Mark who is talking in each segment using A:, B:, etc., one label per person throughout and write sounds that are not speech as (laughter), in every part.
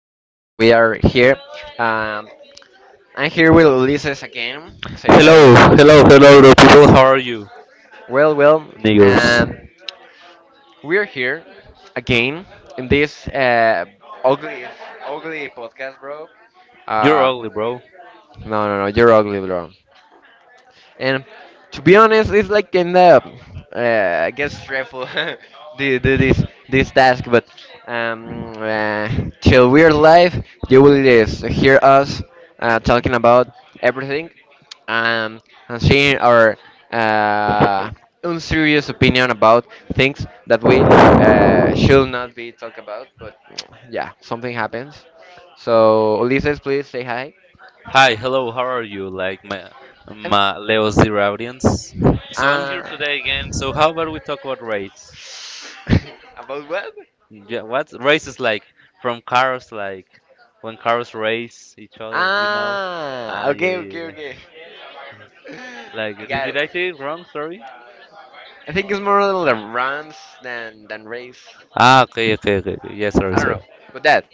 A: of the world. We are here. Um, I'm here with Ulises again. Say hi,
B: Hello, hello,
A: Ulises.
B: hello, bro. People, how are you,
A: Well,
B: niggers?
A: um, we are here again in this ugly, ugly podcast, bro.
B: You're
A: Uh,
B: ugly, bro.
A: no, no, no, you're ugly, bro. And to be honest, it's like kind of I guess stressful (laughs) do this task, but um, uh, till we're live, you will just hear us talking about everything, um, and sharing our uh, unserious opinion about things that we should not be talk about. But (tsk) yeah, something happens. So Ulises, please say hi.
B: Hi, hello, how are you? Like my
A: Um,
B: my Leo Zero audience. So I'm here
A: Uh,
B: today again. So how about we talk about race?
A: (laughs) About what?
B: Yeah, what race is like from cars, like when cars race each other. Now,
A: Ah,
B: ah, yeah,
A: okay,
B: yeah,
A: okay,
B: yeah.
A: okay.
B: Like,
A: (laughs) I got it.
B: did I say it wrong? Sorry.
A: I think it's more like runs than race.
B: Ah, okay, okay, okay, okay. Yeah, sorry,
A: I don't
B: sorry.
A: know, but that.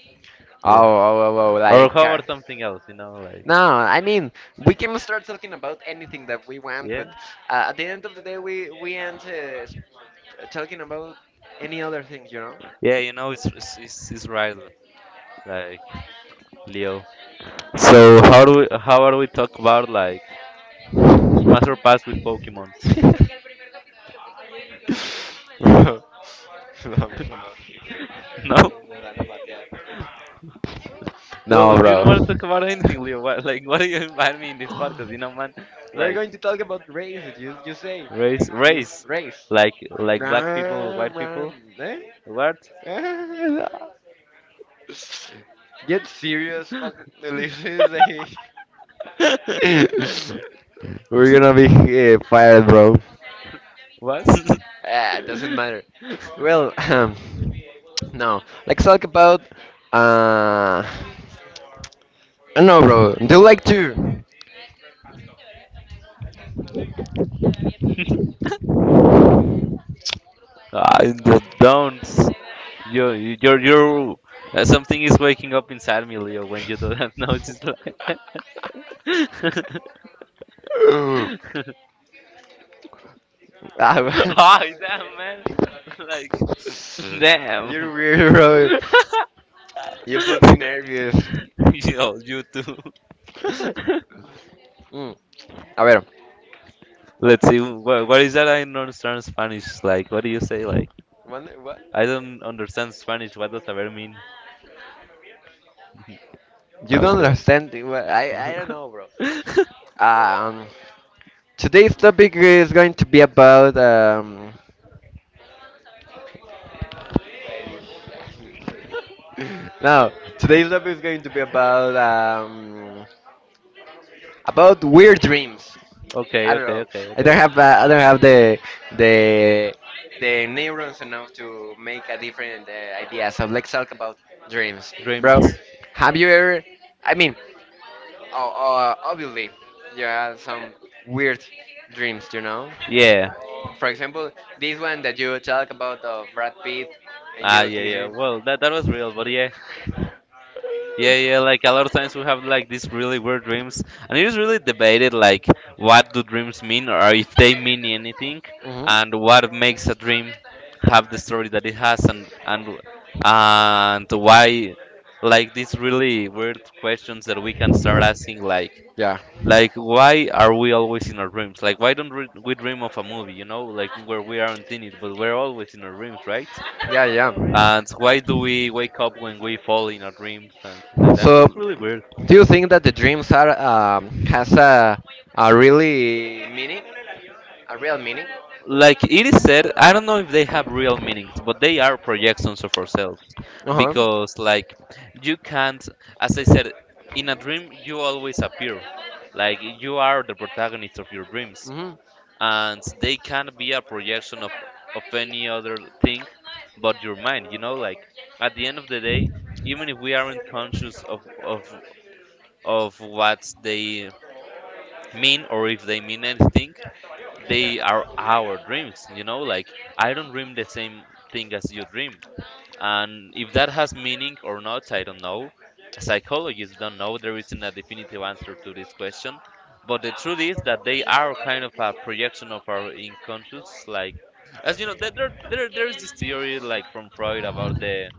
A: Oh,
B: Yeah.
A: oh, oh, oh
B: Or
A: like.
B: how about something else? You know, like
A: No, I mean we can start talking about anything that we want,
B: yeah,
A: but at the end of the day, we end talking about any other things.
B: yeah. You know, it's right. Like Leo. So how do we, how are we talk about like Master Pass with Pokemon? (laughs)
A: (laughs) (laughs)
B: No. Well,
A: No,
B: you
A: bro.
B: don't want to talk about anything, Leo. What, like what do you invite me in this podcast? You know, man.
A: We're going to talk about races. You say,
B: Race,
A: you
B: race.
A: race.
B: Like
A: Ram, ram.
B: who?
A: Eh? (laughs)
B: What?
A: Get serious, fucking delicious. Eh?
B: (laughs)
A: (laughs) We're gonna be fired, bro.
B: What? (laughs)
A: Ah, doesn't matter. Well, (clears throat) no. Let's talk about. Uh, I don't know, bro. Do you like to?
B: Don't. You you're Something is waking up inside me, Leo. When you do that, (laughs) no, it's just like. (laughs)
A: (laughs) Ah,
B: Ah, damn, man. (laughs) Like,
A: (laughs)
B: damn. (laughs)
A: You're weird, bro. You put me nervous.
B: (laughs) Yo, you too.
A: (laughs)
B: (laughs)
A: Mm, a ver,
B: Let's see. What is that? I don't understand Spanish. Like, what do you say? Like,
A: What?
B: I don't understand Spanish. What does saber mean?
A: You
B: Oh,
A: don't
B: shut up.
A: understand. What? I don't know,
B: (laughs)
A: bro. Um, today's topic is going to be about (laughs) no, today's topic is going to be about weird dreams. I
B: Okay,
A: don't
B: okay,
A: know.
B: okay,
A: I don't
B: okay.
A: have uh, I don't have the the neurons enough to make a different idea. So let's talk about dreams, bro.
B: Dreams.
A: Have you ever? I mean, oh, obviously, you had some weird dreams, you know?
B: Yeah.
A: For example, this one that you talk about of Brad Pitt and
B: Ah,
A: you
B: yeah, yeah.
A: kissing.
B: Well, that that was real, but yeah. Yeah, yeah, like a lot of times we have like these really weird dreams, and it is really debated like what do dreams mean or if they mean anything,
A: Hmm.
B: and what makes a dream have the story that it has, and and why, like these really weird questions that we can start asking like
A: Yeah,
B: like why are we always in our dreams? Like why don't we dream of a movie, you know, like where we aren't in it, but we're always in our dreams, right?
A: yeah, yeah.
B: And why do we wake up when we fall in our dreams and things,
A: So,
B: it's really weird.
A: do you think that the dreams are has a really meaning, a real meaning?
B: Like it is said, I don't know if they have real meanings, but they are projections of ourselves.
A: Uh huh.
B: Because, like, you can't, as I said, in a dream, you always appear. Like, you are the protagonist of your dreams.
A: Mhm.
B: And they can't be a projection of any other thing but your mind. You know, like, at the end of the day, even if we aren't conscious of what they mean or if they mean anything, they are our dreams, you know, like I don't dream the same thing as you dream, and if that has meaning or not, I don't know. Psychologists don't know, there isn't a definitive answer to this question, but the truth is that they are kind of a projection of our unconscious. Like, as you know, there's this theory like from Freud about the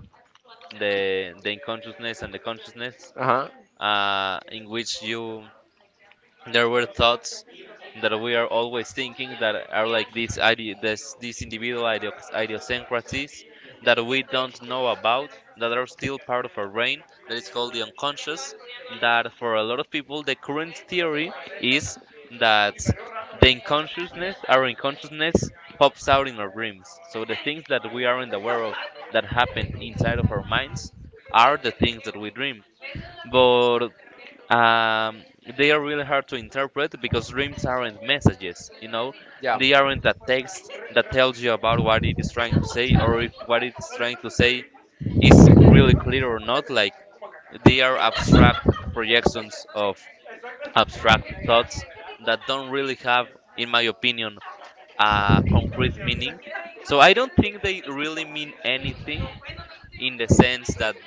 B: the the unconsciousness and the consciousness,
A: Uh huh.
B: in which you, there were thoughts that we are always thinking that are like this, these idiosyncrasies that we don't know about, that are still part of our brain, that is called the unconscious, that for a lot of people the current theory is that the unconsciousness, our unconsciousness, pops out in our dreams, so the things that we aren't aware of, that happened inside of our minds, are the things that we dream. But um, they are really hard to interpret because dreams aren't messages, you know,
A: Yeah.
B: they aren't a text that tells you about what it is trying to say, or if what it's trying to say is really clear or not. Like, they are abstract projections of abstract thoughts that don't really have, in my opinion, a concrete meaning. So I don't think they really mean anything, in the sense that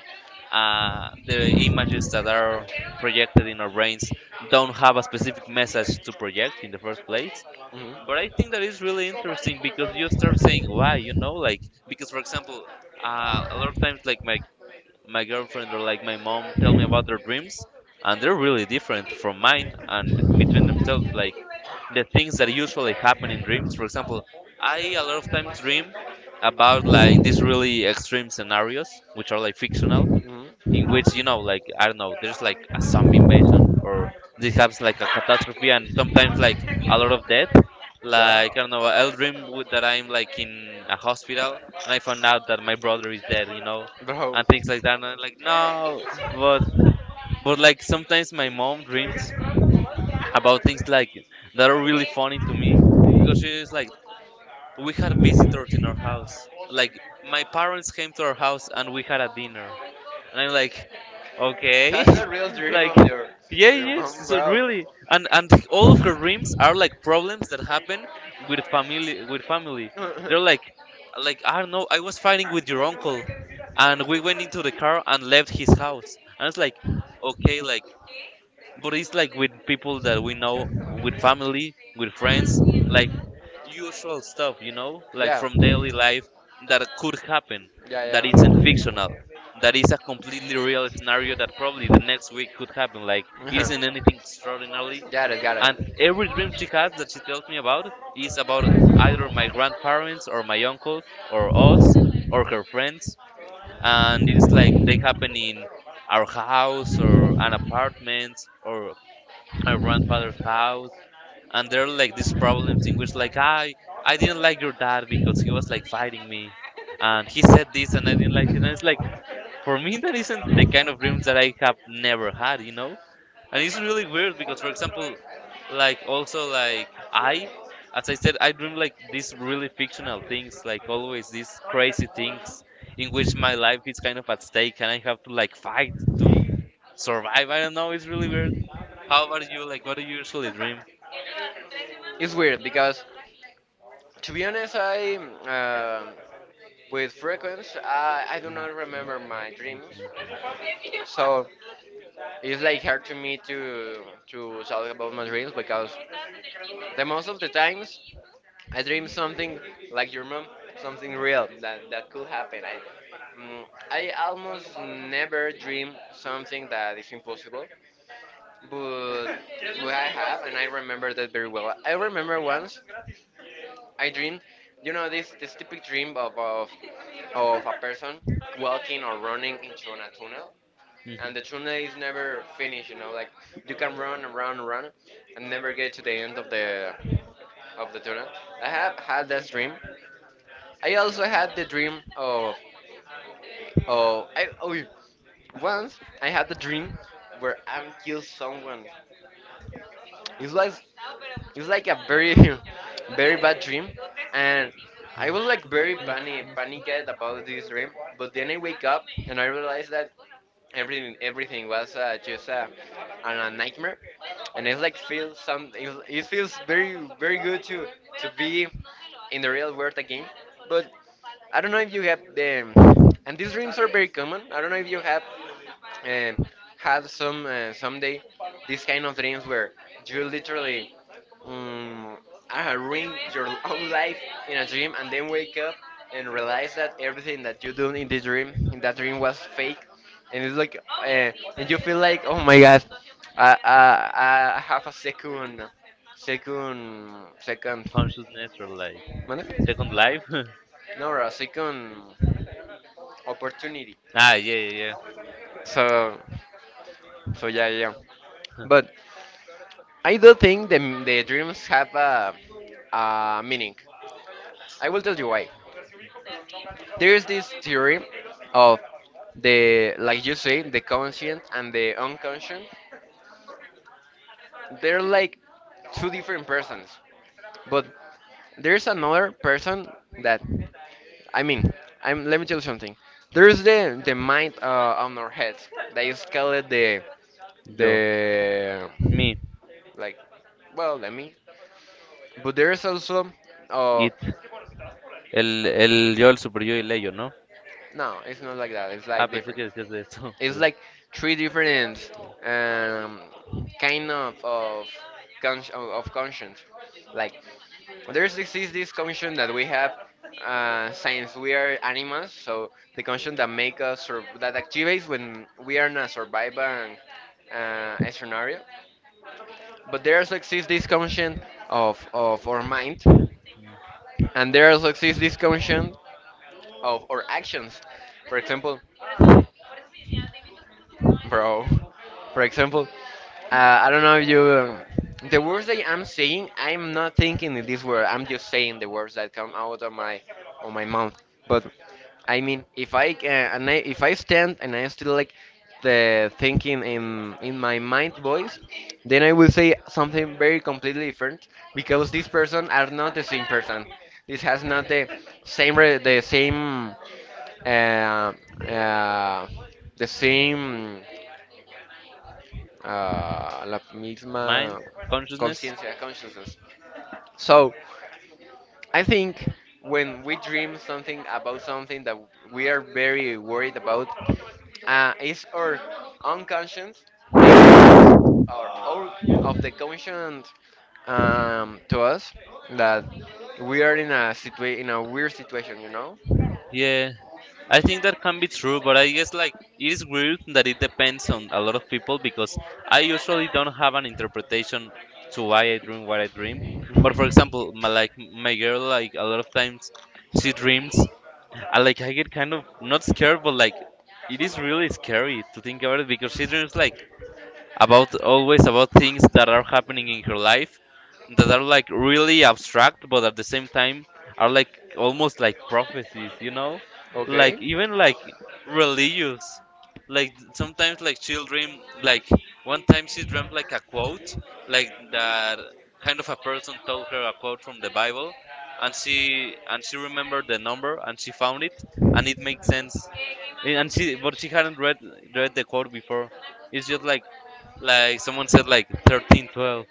B: the images that are projected in our brains don't have a specific message to project in the first place. But
A: Mhm.
B: I think that is really interesting because you start saying why, you know, like, because for example, a lot of times like my girlfriend or like my mom tell me about their dreams, and they're really different from mine and between themselves. Like the things that usually happen in dreams. For example, I a lot of times dream about like these really extreme scenarios, which are like fictional,
A: Ujú.
B: in which, you know, like I don't know, there's like a zombie invasion or this happens, like a catastrophe, and sometimes like a lot of death. Like I don't know, I'll dream with, that I'm like in a hospital and I found out that my brother is dead, you know,
A: Bro,
B: and things like that. And I'm like, no, but but like sometimes my mom dreams about things like that are really funny to me because she is like, we had visitors in our house. Like, my parents came to our house and we had a dinner. And I'm like, okay,
A: that's the real dream of your,
B: (laughs) yeah,
A: of your mom,
B: yes. So
A: bro.
B: really, and all of her dreams are like problems that happen with family. With family, they're
A: (laughs)
B: like I don't know. I was fighting with your uncle, and we went into the car and left his house. And it's like, okay, like, but it's like with people that we know, with family, with friends, like usual stuff, you know, like
A: Yeah,
B: from daily life that could happen, that
A: yeah,
B: isn't
A: yeah.
B: fictional, that is a completely real scenario that probably the next week could happen. Like, it isn't anything extraordinary,
A: (laughs) Got it, got
B: and every dream she has that she tells me about is about either my grandparents or my uncle or us or her friends, and it's like they happen in our house or an apartment or my grandfather's house, and there are like these problems in which like I didn't like your dad because he was like fighting me, and he said this and I didn't like it. And it's like, for me that isn't the kind of dreams that I have never had, you know. And it's really weird because for example, like also like, I, as I said, I dream like these really fictional things, like always these crazy things
A: it.
B: in which my life is kind of at stake and I have to like fight, survive. I don't know, it's really weird. How about you, like what do you usually dream?
A: It's weird because, to be honest, I with frequency I do not remember my dreams, so it's like hard to me to talk about my dreams because the most of the times I dream something like your mom, something real that could happen. Mm, I almost never dream something that is impossible but (laughs) but I have, and I remember that very well. I remember once I dreamed, this this typic dream of a person walking or running into a tunnel, and the tunnel is never finished. You know, like you can run and run and run, and never get to the end of the tunnel. I have had that dream. I also had the dream of I oh once I had the dream where I'm kill someone. It was it's like a very (laughs) very bad dream and I was like very panicked about this dream but then I wake up and I realized that everything was just a nightmare and it's like it feels very very good to be in the real world again. But I don't know if you have the and these dreams are very common. I don't know if you have um, had some someday these kind of dreams where you literally um, I ruin your own life in a dream and then wake up and realize that everything that you do in this dream in that dream was fake, and it's like and you feel like oh my god I have a second second.
B: Consciousness, natural life.
A: Mande?
B: Second Life. (laughs)
A: No, a second opportunity.
B: Ah, yeah, yeah, yeah.
A: So so yeah, yeah, yeah.
B: (laughs)
A: But I do think the, dreams have a meaning. I will tell you why. There's this theory of like you say, the conscient and the unconscient. They're like two different persons, but there's another person that, I mean, let me tell you something. There's the mind on our heads that is called the
B: Yo,
A: the
B: me,
A: like, well, let me. But there's also, uh,
B: it, el, el yo, el superyo y el ello, ¿no?
A: no, it's not like that. It's
B: Ah,
A: like
B: pensé
A: different.
B: que decías de eso.
A: It's like three different um, kind of conscience. Like there's this, is this conscience that we have since we are animals. So the conscience that make us sur- that activates when we are in a survival scenario. But there also exists this conscience of our mind,
B: (laughs)
A: and there also exists this conscience of our actions. For example, bro. For example, uh, I don't know if you. The words that I'm saying, I'm not thinking in this word. I'm just saying the words that come out of my mouth. But I mean, if I stand and I still like the thinking in my mind voice, then I will say something very completely different because this person are not the same person. This has not the same the same uh, uh, the same la
B: Mind,
A: misma
B: consciousness.
A: conciencia consciousness. So. I think when we dream something about something that we are very worried about, is our unconscious making us or our of the conscious to us that we are in a weird situation, you know?
B: Yeah, I think that can be true, but I guess like it is weird that it depends on a lot of people because I usually don't have an interpretation to why I dream what I dream. But for
A: Mhm.
B: example, my, like my girl, like a lot of times she dreams, I like I get kind of not scared, but like it is really scary to think about it because it's just like about always about things that are happening in her life that are like really abstract but at the same time are like almost like prophecies, you know, like
A: Okay.
B: even like religious, like sometimes like she'll dream like one time she dreamt like a quote, like that kind of a person told her a quote from the Bible, and she remembered the number and she found it and it makes sense, and she, but she hadn't read the quote before. It's just like someone said like 13:12,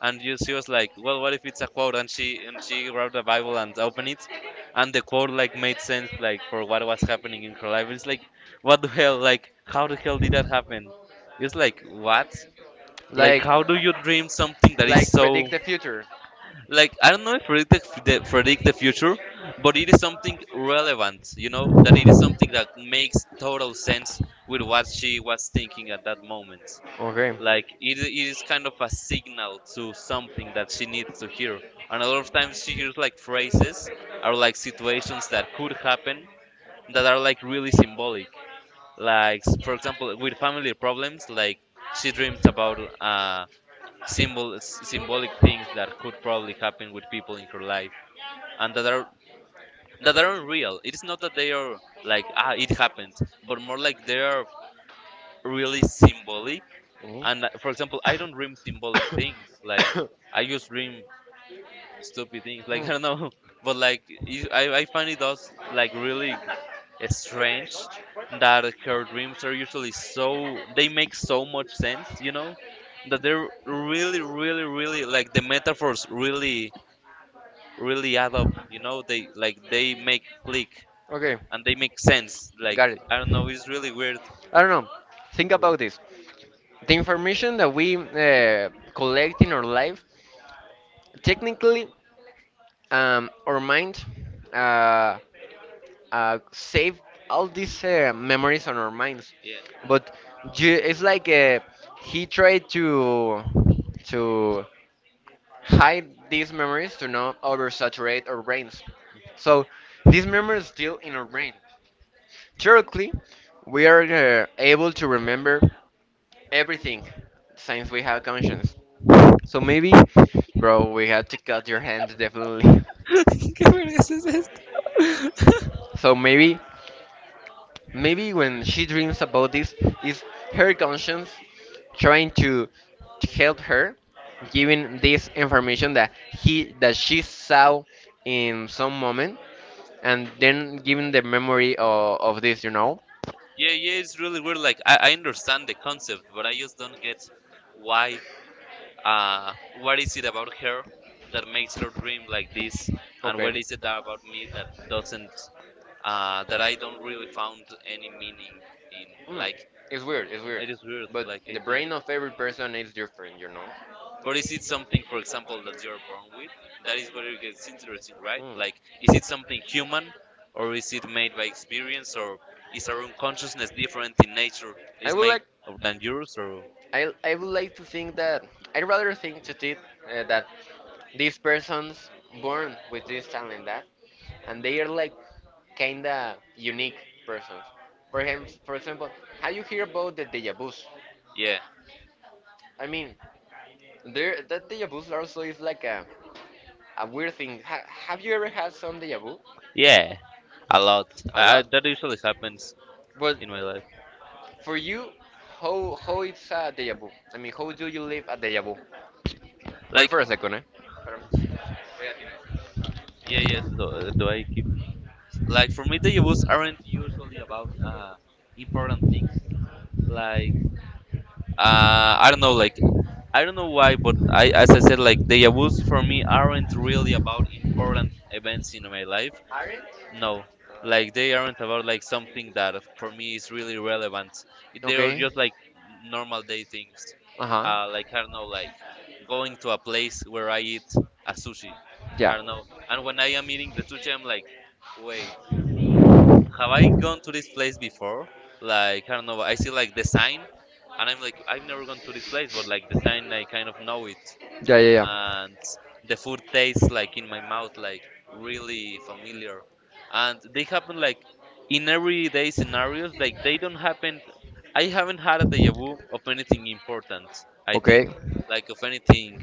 B: and you, she was like, well what if it's a quote, and she grabbed the Bible and opened it, and the quote like made sense, like for what was happening in her life. It's like, what the hell, like how the hell did that happen? It's like, what? Like
A: Like,
B: how do you dream something that is
A: like,
B: so,
A: predict the future.
B: like I don't know if predict the, predict the future, but it is something relevant, you know, that it is something that makes total sense with what she was thinking at that moment.
A: Okay.
B: Like it is kind of a signal to something that she needs to hear, and a lot of times she hears like phrases or like situations that could happen that are like really symbolic. Like for example with family problems, like she dreams about symbolic things that could probably happen with people in her life, and that are, that aren't real. It is not that they are like, ah, it happened, but more like they are really symbolic.
A: Mhm.
B: And for example, I don't dream symbolic things. Like, I just
A: (coughs)
B: dream stupid things. Like, (laughs)
A: Mm.
B: I don't know, but like it- I find it does like really strange that her dreams are usually so, they make so much sense. You know, that they're really, really, really like the metaphors really, really add up. You know, they like they make click,
A: Okay,
B: and they make sense. Like,
A: got it.
B: I don't know, it's really weird.
A: I don't know. Think about this. The information that we collect in our life, technically, our mind uh, save all these memories on our minds.
B: Yeah.
A: But it's like he tried to hide these memories to not oversaturate our brains. So these memories are still in our brain. Theoretically, we are able to remember everything since we have conscience. So maybe, bro, we had to cut your hand definitely. (laughs)
B: (laughs) ¿Qué vergas es esto? (laughs)
A: So maybe, when she dreams about this, is her conscience trying to help her, giving this information that she saw in some moment, and then giving the memory of this, you know?
B: Yeah, yeah, it's really weird. Like I understand the concept, but I just don't get why. Uh, what is it about her that makes her dream like this, and
A: Okay.
B: what is it that about me that doesn't? That I don't really found any meaning in.
A: Mm,
B: Like
A: it's weird, it's weird.
B: it's weird.
A: But the brain of every person is different, you know?
B: But is it
A: Mm.
B: something, for example, that you're born with? That is where it gets interesting, right? Like, is it something human, or is it made by experience, or is our own consciousness different in nature
A: I
B: is-
A: would like
B: than yours, or?
A: I would like to think that I'd rather think to think that these persons born with this talent that and they are like kinda unique persons. For him, for example, how you hear about the deja vu's?
B: Yeah.
A: I mean, there that deja vu also is like a weird thing. Have you ever had some deja vu?
B: Yeah, a lot.
A: A lot.
B: That usually happens
A: But
B: in my life.
A: for you, how it's a deja vu? I mean, how do you live a deja vu? Wait
B: Like,
A: for a second, eh?
B: yeah, yeah. Do I keep like for me the events aren't usually about important things. Like, I don't know. Like, I don't know why, but I, as I said, like the events for me aren't really about important events in my life. No, like they aren't about like something that for me is really relevant. They are
A: Okay.
B: just like normal day things.
A: Uh huh.
B: Like I don't know, like going to a place where I eat a sushi.
A: Yeah.
B: I don't know. And when I am eating the sushi, I'm like, wait, have I gone to this place before? Like I don't know. I see like the sign, and I'm like, I've never gone to this place, but like the sign, I kind of know it,
A: Yeah, yeah, yeah.
B: and the food tastes like in my mouth like really familiar, and they happen like in everyday scenarios. Like they don't happen. I haven't had a deja vu of anything important, I think,
A: Okay.
B: like of anything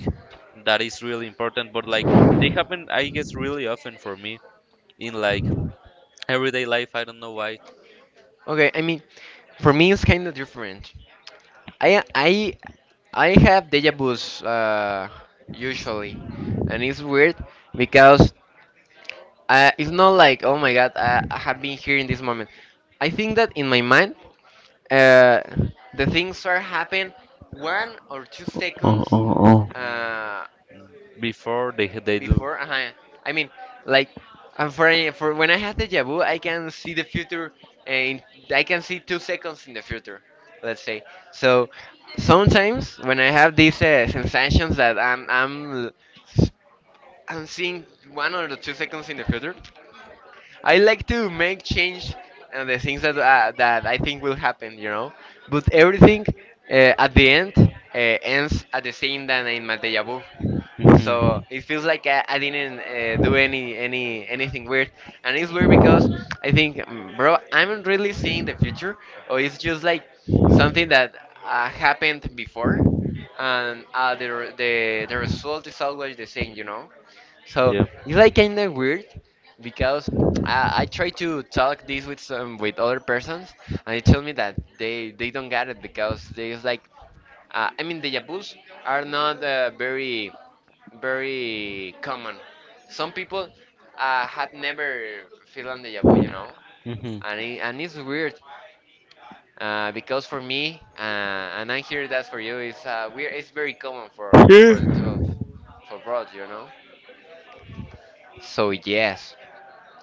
B: that is really important, but like they happen, I guess, really often for me in like everyday life. I don't know why.
A: Okay, I mean, for me it's kind of different. I I I have deja vu's usually, and it's weird because it's not like oh my god I have been here in this moment. I think that in my mind, uh, the things are happening one or two
B: Oh,
A: seconds.
B: oh, oh.
A: Uh,
B: Before they do.
A: Before. I mean, like, and for when I had the vu, I can see the future, and I can see 2 seconds in the future, let's say. So sometimes when I have these sensations that I'm seeing one or the 2 seconds in the future, I like to make change and the things that that I think will happen. But everything at the end ends at the same than in my déjà vu, so it feels like I didn't do anything weird, and it's weird because I think, bro, I'm not really seeing the future, or it's just like something that happened before, and the result is always the same. So it's like kind of weird because I try to talk this with some with other persons, and they tell me that they don't get it because they it's like I mean, the Yabus are not very very common. Some people had never feeling deja vu, you know,
B: Mhm.
A: and it, and it's weird because for me, and I hear that for you, it's weird. It's very common for the
B: Yeah.
A: two of for both. So yes,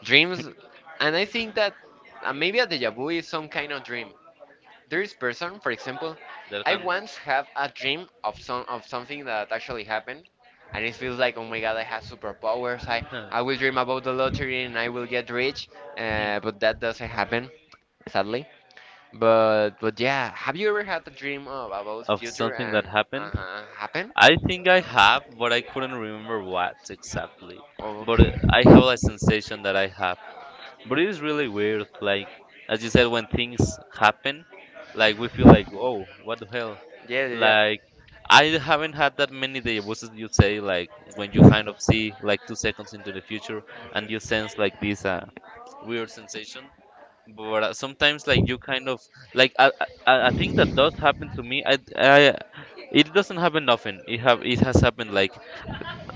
A: dreams, and I think that maybe a deja vu is some kind of dream. There is person, for example,
B: That
A: I once have a dream of something that actually happened, and it feels like, oh my god, I have superpowers. I will dream about the lottery and I will get rich, but that doesn't happen, sadly. But yeah, have you ever had a dream of about future
B: that
A: and
B: happen.
A: happen?
B: I think I have, but I couldn't remember what exactly. But
A: Okay.
B: I have
A: (laughs)
B: a sensation that I have. But it is really weird, like as you said, when things happen, like we feel like, oh, what the hell?
A: Yeah,
B: Like I haven't had that many deja vu's as you say, like when you kind of see like 2 seconds into the future and you sense like this weird sensation. But sometimes like you kind of like I think that does happen to me. I it doesn't happen often. It has happened like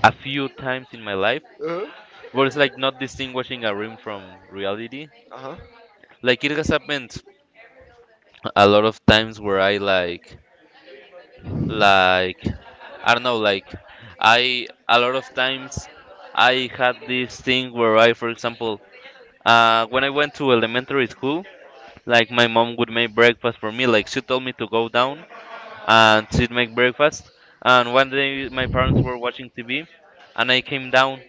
B: a few times in my life
A: yeah.
B: where it's like not distinguishing a dream from reality.
A: Uh huh.
B: Like it has happened a lot of times where I like I don't know like I a lot of times I had this thing where I, for example, when I went to elementary school, like my mom would make breakfast for me. Like she told me to go down and she'd make breakfast, and one day my parents were watching TV and I came down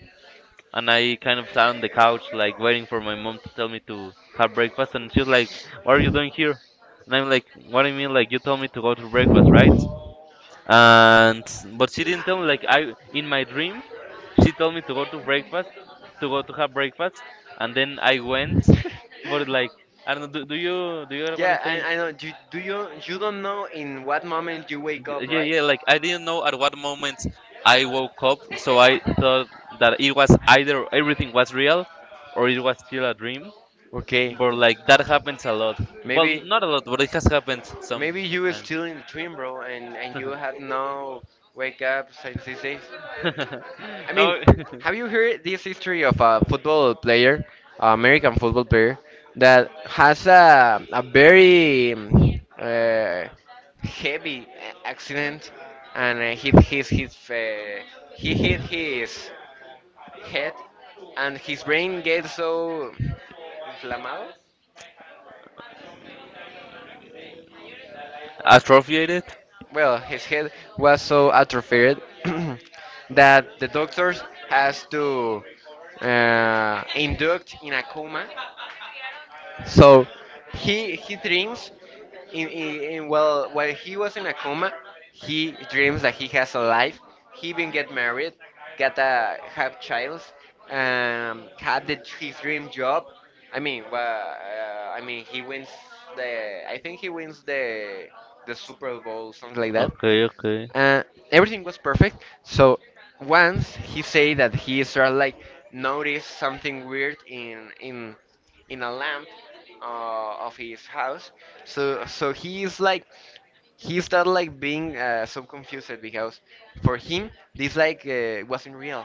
B: and I kind of sat on the couch, like waiting for my mom to tell me to have breakfast. And she's like, "What are you doing here?" And I'm like, "What do you mean? Like you told me to go to breakfast, right?" And but she didn't tell me. Like I, in my dream, she told me to go to breakfast, to go to have breakfast, and
A: Uh-huh.
B: then I went. But
A: (laughs)
B: like I don't know, do you?
A: Yeah, I know. You, do you don't know in what moment you wake up, right?
B: Yeah, like I didn't know at what moment I woke up, so I thought that it was either everything was real or it was still a dream.
A: Okay,
B: But like that happens a lot. Well, maybe
A: maybe
B: not a lot, but it has happened some.
A: maybe you were still in the dream, bro, and you had no wake up since these days. I mean, have
B: (laughs)
A: you heard this history of a football player, American football player, that has a very heavy accident and hit his he hit his head and his brain gets so inflamado?
B: Atrophiated?
A: Well, his head was so atrophied (clears throat) that the doctors has to induct in a coma. So he dreams in well while he was in a coma, he dreams that he has a life. He even get married, get a have child, had the, his dream job. I mean, I mean he wins the. I think he wins the Super Bowl, something like that.
B: Okay, okay.
A: uh, Everything was perfect. So once he said that he started like noticed something weird in a lamp of his house. So so he is like he started like being so confused because for him this like wasn't real.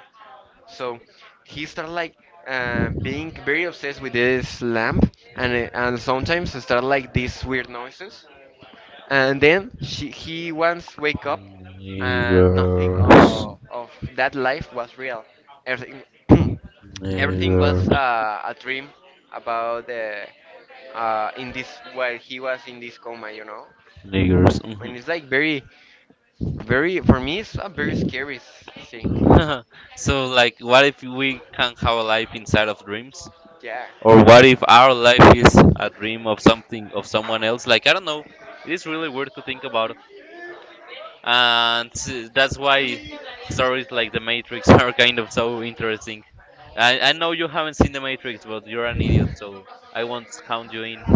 A: So he started like being very obsessed with this lamp and sometimes start like these weird noises. And then she, he once wake up, and nothing
B: Nigger,
A: of, of that life was real. Everything, (clears throat)
B: ni-
A: everything was a dream about the in this while he was in this coma, you know.
B: niggers.
A: And it's like very, very for me it's a very scary thing.
B: Mm. (laughs) So like, what if we can't have a life inside of dreams?
A: Yeah.
B: Or what if our life is a dream of something, of someone else? Like, I don't know. It is really weird to think about. And that's why stories like The Matrix (laughs) are kind of so interesting. I know you haven't seen The Matrix, but you're an idiot, so I won't count you in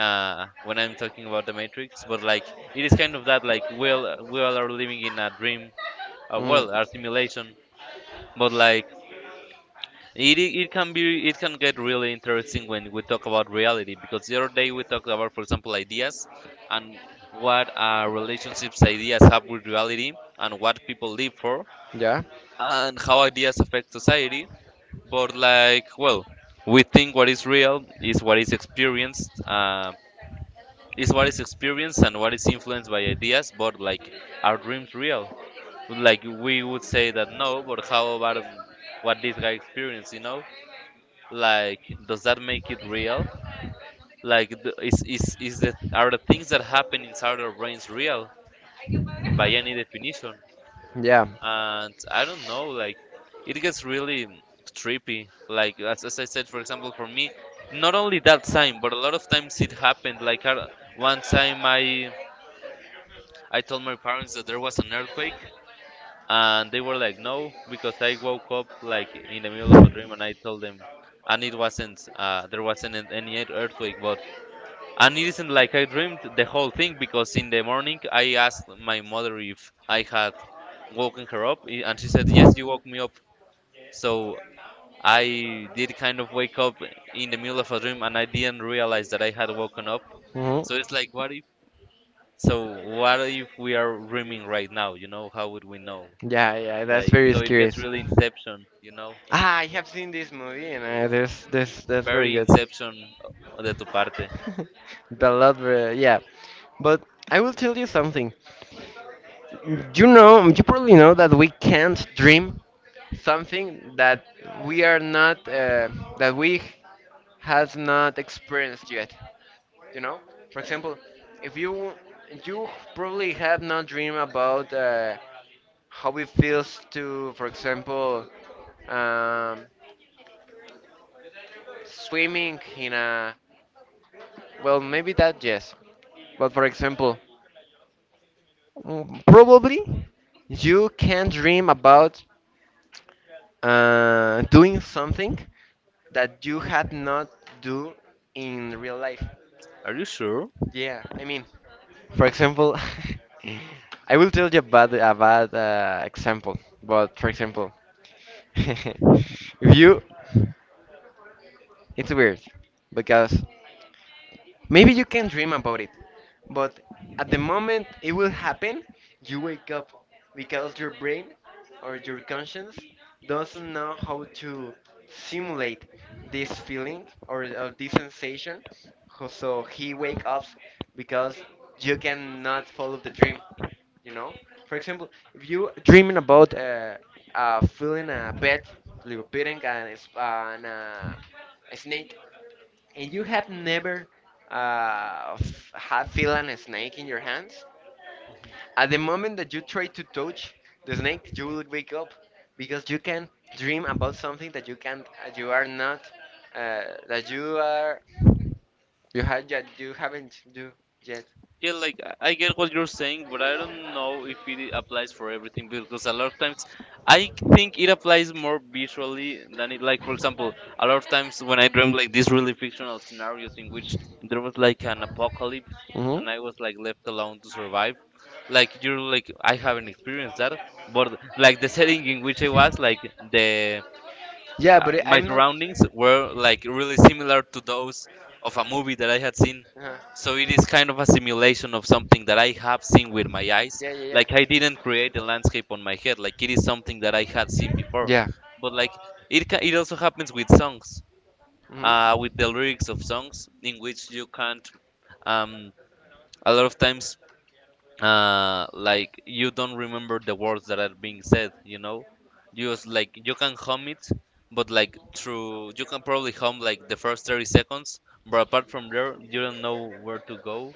B: when I'm talking about The Matrix. But like, it is kind of that like we all are living in a dream,
A: Mm.
B: well, a simulation. But like, it can be, it can get really interesting when we talk about reality, because the other day we talked about, for example, ideas and what relationships ideas have with reality and what people live for
A: Yeah,
B: and how ideas affect society. But like, well, we think what is real is what is experienced, and what is influenced by ideas. But like, are dreams real? Like we would say that no, but how about what this guy experienced? You know like, does that make it real? Like, is that? Are the things that happen inside our brains real by any definition?
A: yeah.
B: And I don't know. Like, it gets really trippy. Like, as I said, for example, for me, not only that time, but a lot of times it happened. Like, I, one time I told my parents that there was an earthquake, and they were like, no, because I woke up like in the middle of a dream, and I told them and it wasn't there wasn't any earthquake. But and it isn't like I dreamed the whole thing, because in the morning I asked my mother if I had woken her up, and she said, yes, you woke me up. So I did kind of wake up in the middle of a dream and I didn't realize that I had woken up.
A: Hmm.
B: So it's like, what if? So what if we are dreaming right now? You know, how would we know?
A: Yeah, yeah, that's very
B: So it
A: scary.
B: gets really inception, you know,
A: Ah, I have seen this movie, and this this that's very
B: very
A: good.
B: inception de tu parte.
A: (laughs) Yeah. But I will tell you something. You know, you probably know that we can't dream something that we are not that we has not experienced yet. You know, for example, if you probably have not dreamed about how it feels to, for example, um, swimming in a. Well, maybe that yes. But for example, probably you can dream about doing something that you had not do in real life.
B: Are you sure?
A: Yeah, I mean, for example, (laughs) I will tell you about a bad example. But for example, (laughs) if you, it's weird because maybe you can dream about it, but at the moment it will happen, you wake up because your brain or your conscience doesn't know how to simulate this feeling or this sensation. So he wake up because you cannot follow the dream, you know? For example, if you dreaming about feeling a pet, like a pet and, a, and a snake, and you have never had feeling a snake in your hands? At the moment that you try to touch the snake, you will wake up because you can dream about something that you can't, you are not, uh, that you are, you had yet, you haven't do yet.
B: Yeah, like I get what you're saying, but I don't know if it applies for everything, because a lot of times I think it applies more visually than it, like for example, a lot of times when I dream like these really fictional scenarios in which there was like an apocalypse
A: Hmm.
B: and I was like left alone to survive. Like you're like I haven't experienced that, but like the setting in which I was, like the
A: Yeah, but
B: my
A: I'm not.
B: surroundings were like really similar to those of a movie that I had seen.
A: Uh,
B: So it is kind of a simulation of something that I have seen with my eyes.
A: yeah, yeah, yeah,
B: Like I didn't create a landscape on my head. Like it is something that I had seen before.
A: yeah.
B: But like it also happens with songs,
A: Hmm.
B: with the lyrics of songs in which you can't um a lot of times like you don't remember the words that are being said, you know. You just like you can hum it, but like through you can probably hum like the first 30 seconds, but apart from there you don't know where to go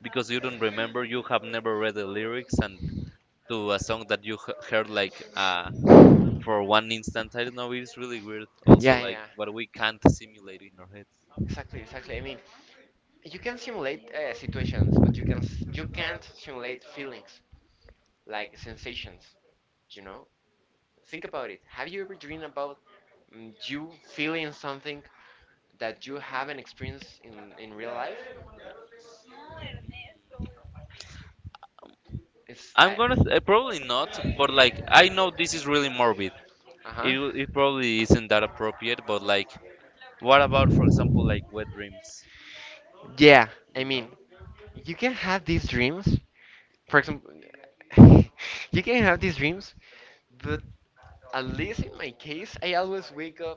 B: because you don't remember, you have never read the lyrics, and to a song that you heard like for one instant, I don't know, it's really weird also
A: Yeah,
B: like
A: yeah.
B: what we can't simulate in our heads.
A: Exactly, exactly. I mean, you can simulate situations, but you can you can't simulate feelings like sensations. You know, think about it. Have you ever dreamed about you feeling something that you haven't experienced in real life? It's I,
B: Probably not, but like I know this is really morbid.
A: uh
B: It
A: huh.
B: it probably isn't that appropriate, but like, what about, for example, like wet dreams?
A: Yeah, I
B: You
A: mean,
B: know?
A: you can have these dreams. For example, (laughs) you can have these dreams, but at least in my case, I always wake up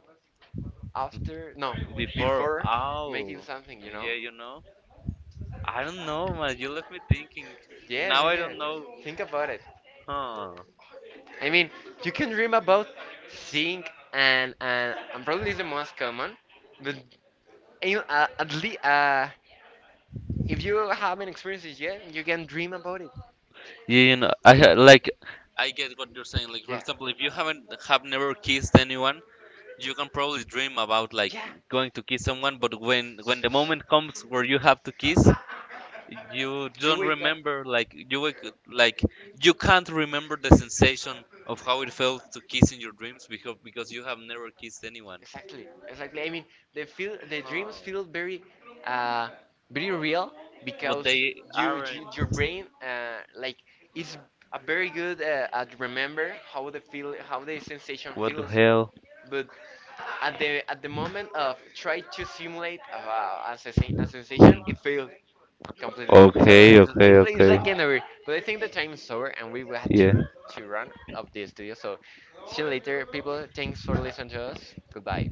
A: after, no, before making something, you know?
B: Yeah, you know? I don't know, man. You left me thinking.
A: Yes,
B: Now
A: yes,
B: I don't know.
A: yes. Think about it.
B: Huh?
A: I mean, you can dream about seeing, and probably is the most common, but at least if you haven't experienced it yet, you can dream about it.
B: Yeah, you know, I ha- like. I get what you're saying. Like, for
A: Yeah.
B: example, if you haven't have never kissed anyone, you can probably dream about like
A: Yeah.
B: going to kiss someone, but when the moment comes where you have to kiss, you
A: You
B: don't
A: wake up.
B: remember like you can't remember the sensation of how it felt to kiss in your dreams, because you have never kissed anyone,
A: Exactly, exactly. I mean, the feel, the dreams feel very, uh, very real
B: but
A: because
B: they
A: you,
B: aren't.
A: you your brain, like is a very good at remember how the feel, how the sensation
B: What the
A: feels.
B: hell.
A: But at the moment of try to simulate a, a sensation, it failed completely. So it,
B: Okay,
A: it's
B: okay,
A: like, it's
B: okay.
A: like an, but I think the time is over and we will have
B: Yeah.
A: to run of the studio. So see you later, people. Thanks for listening to us. Goodbye.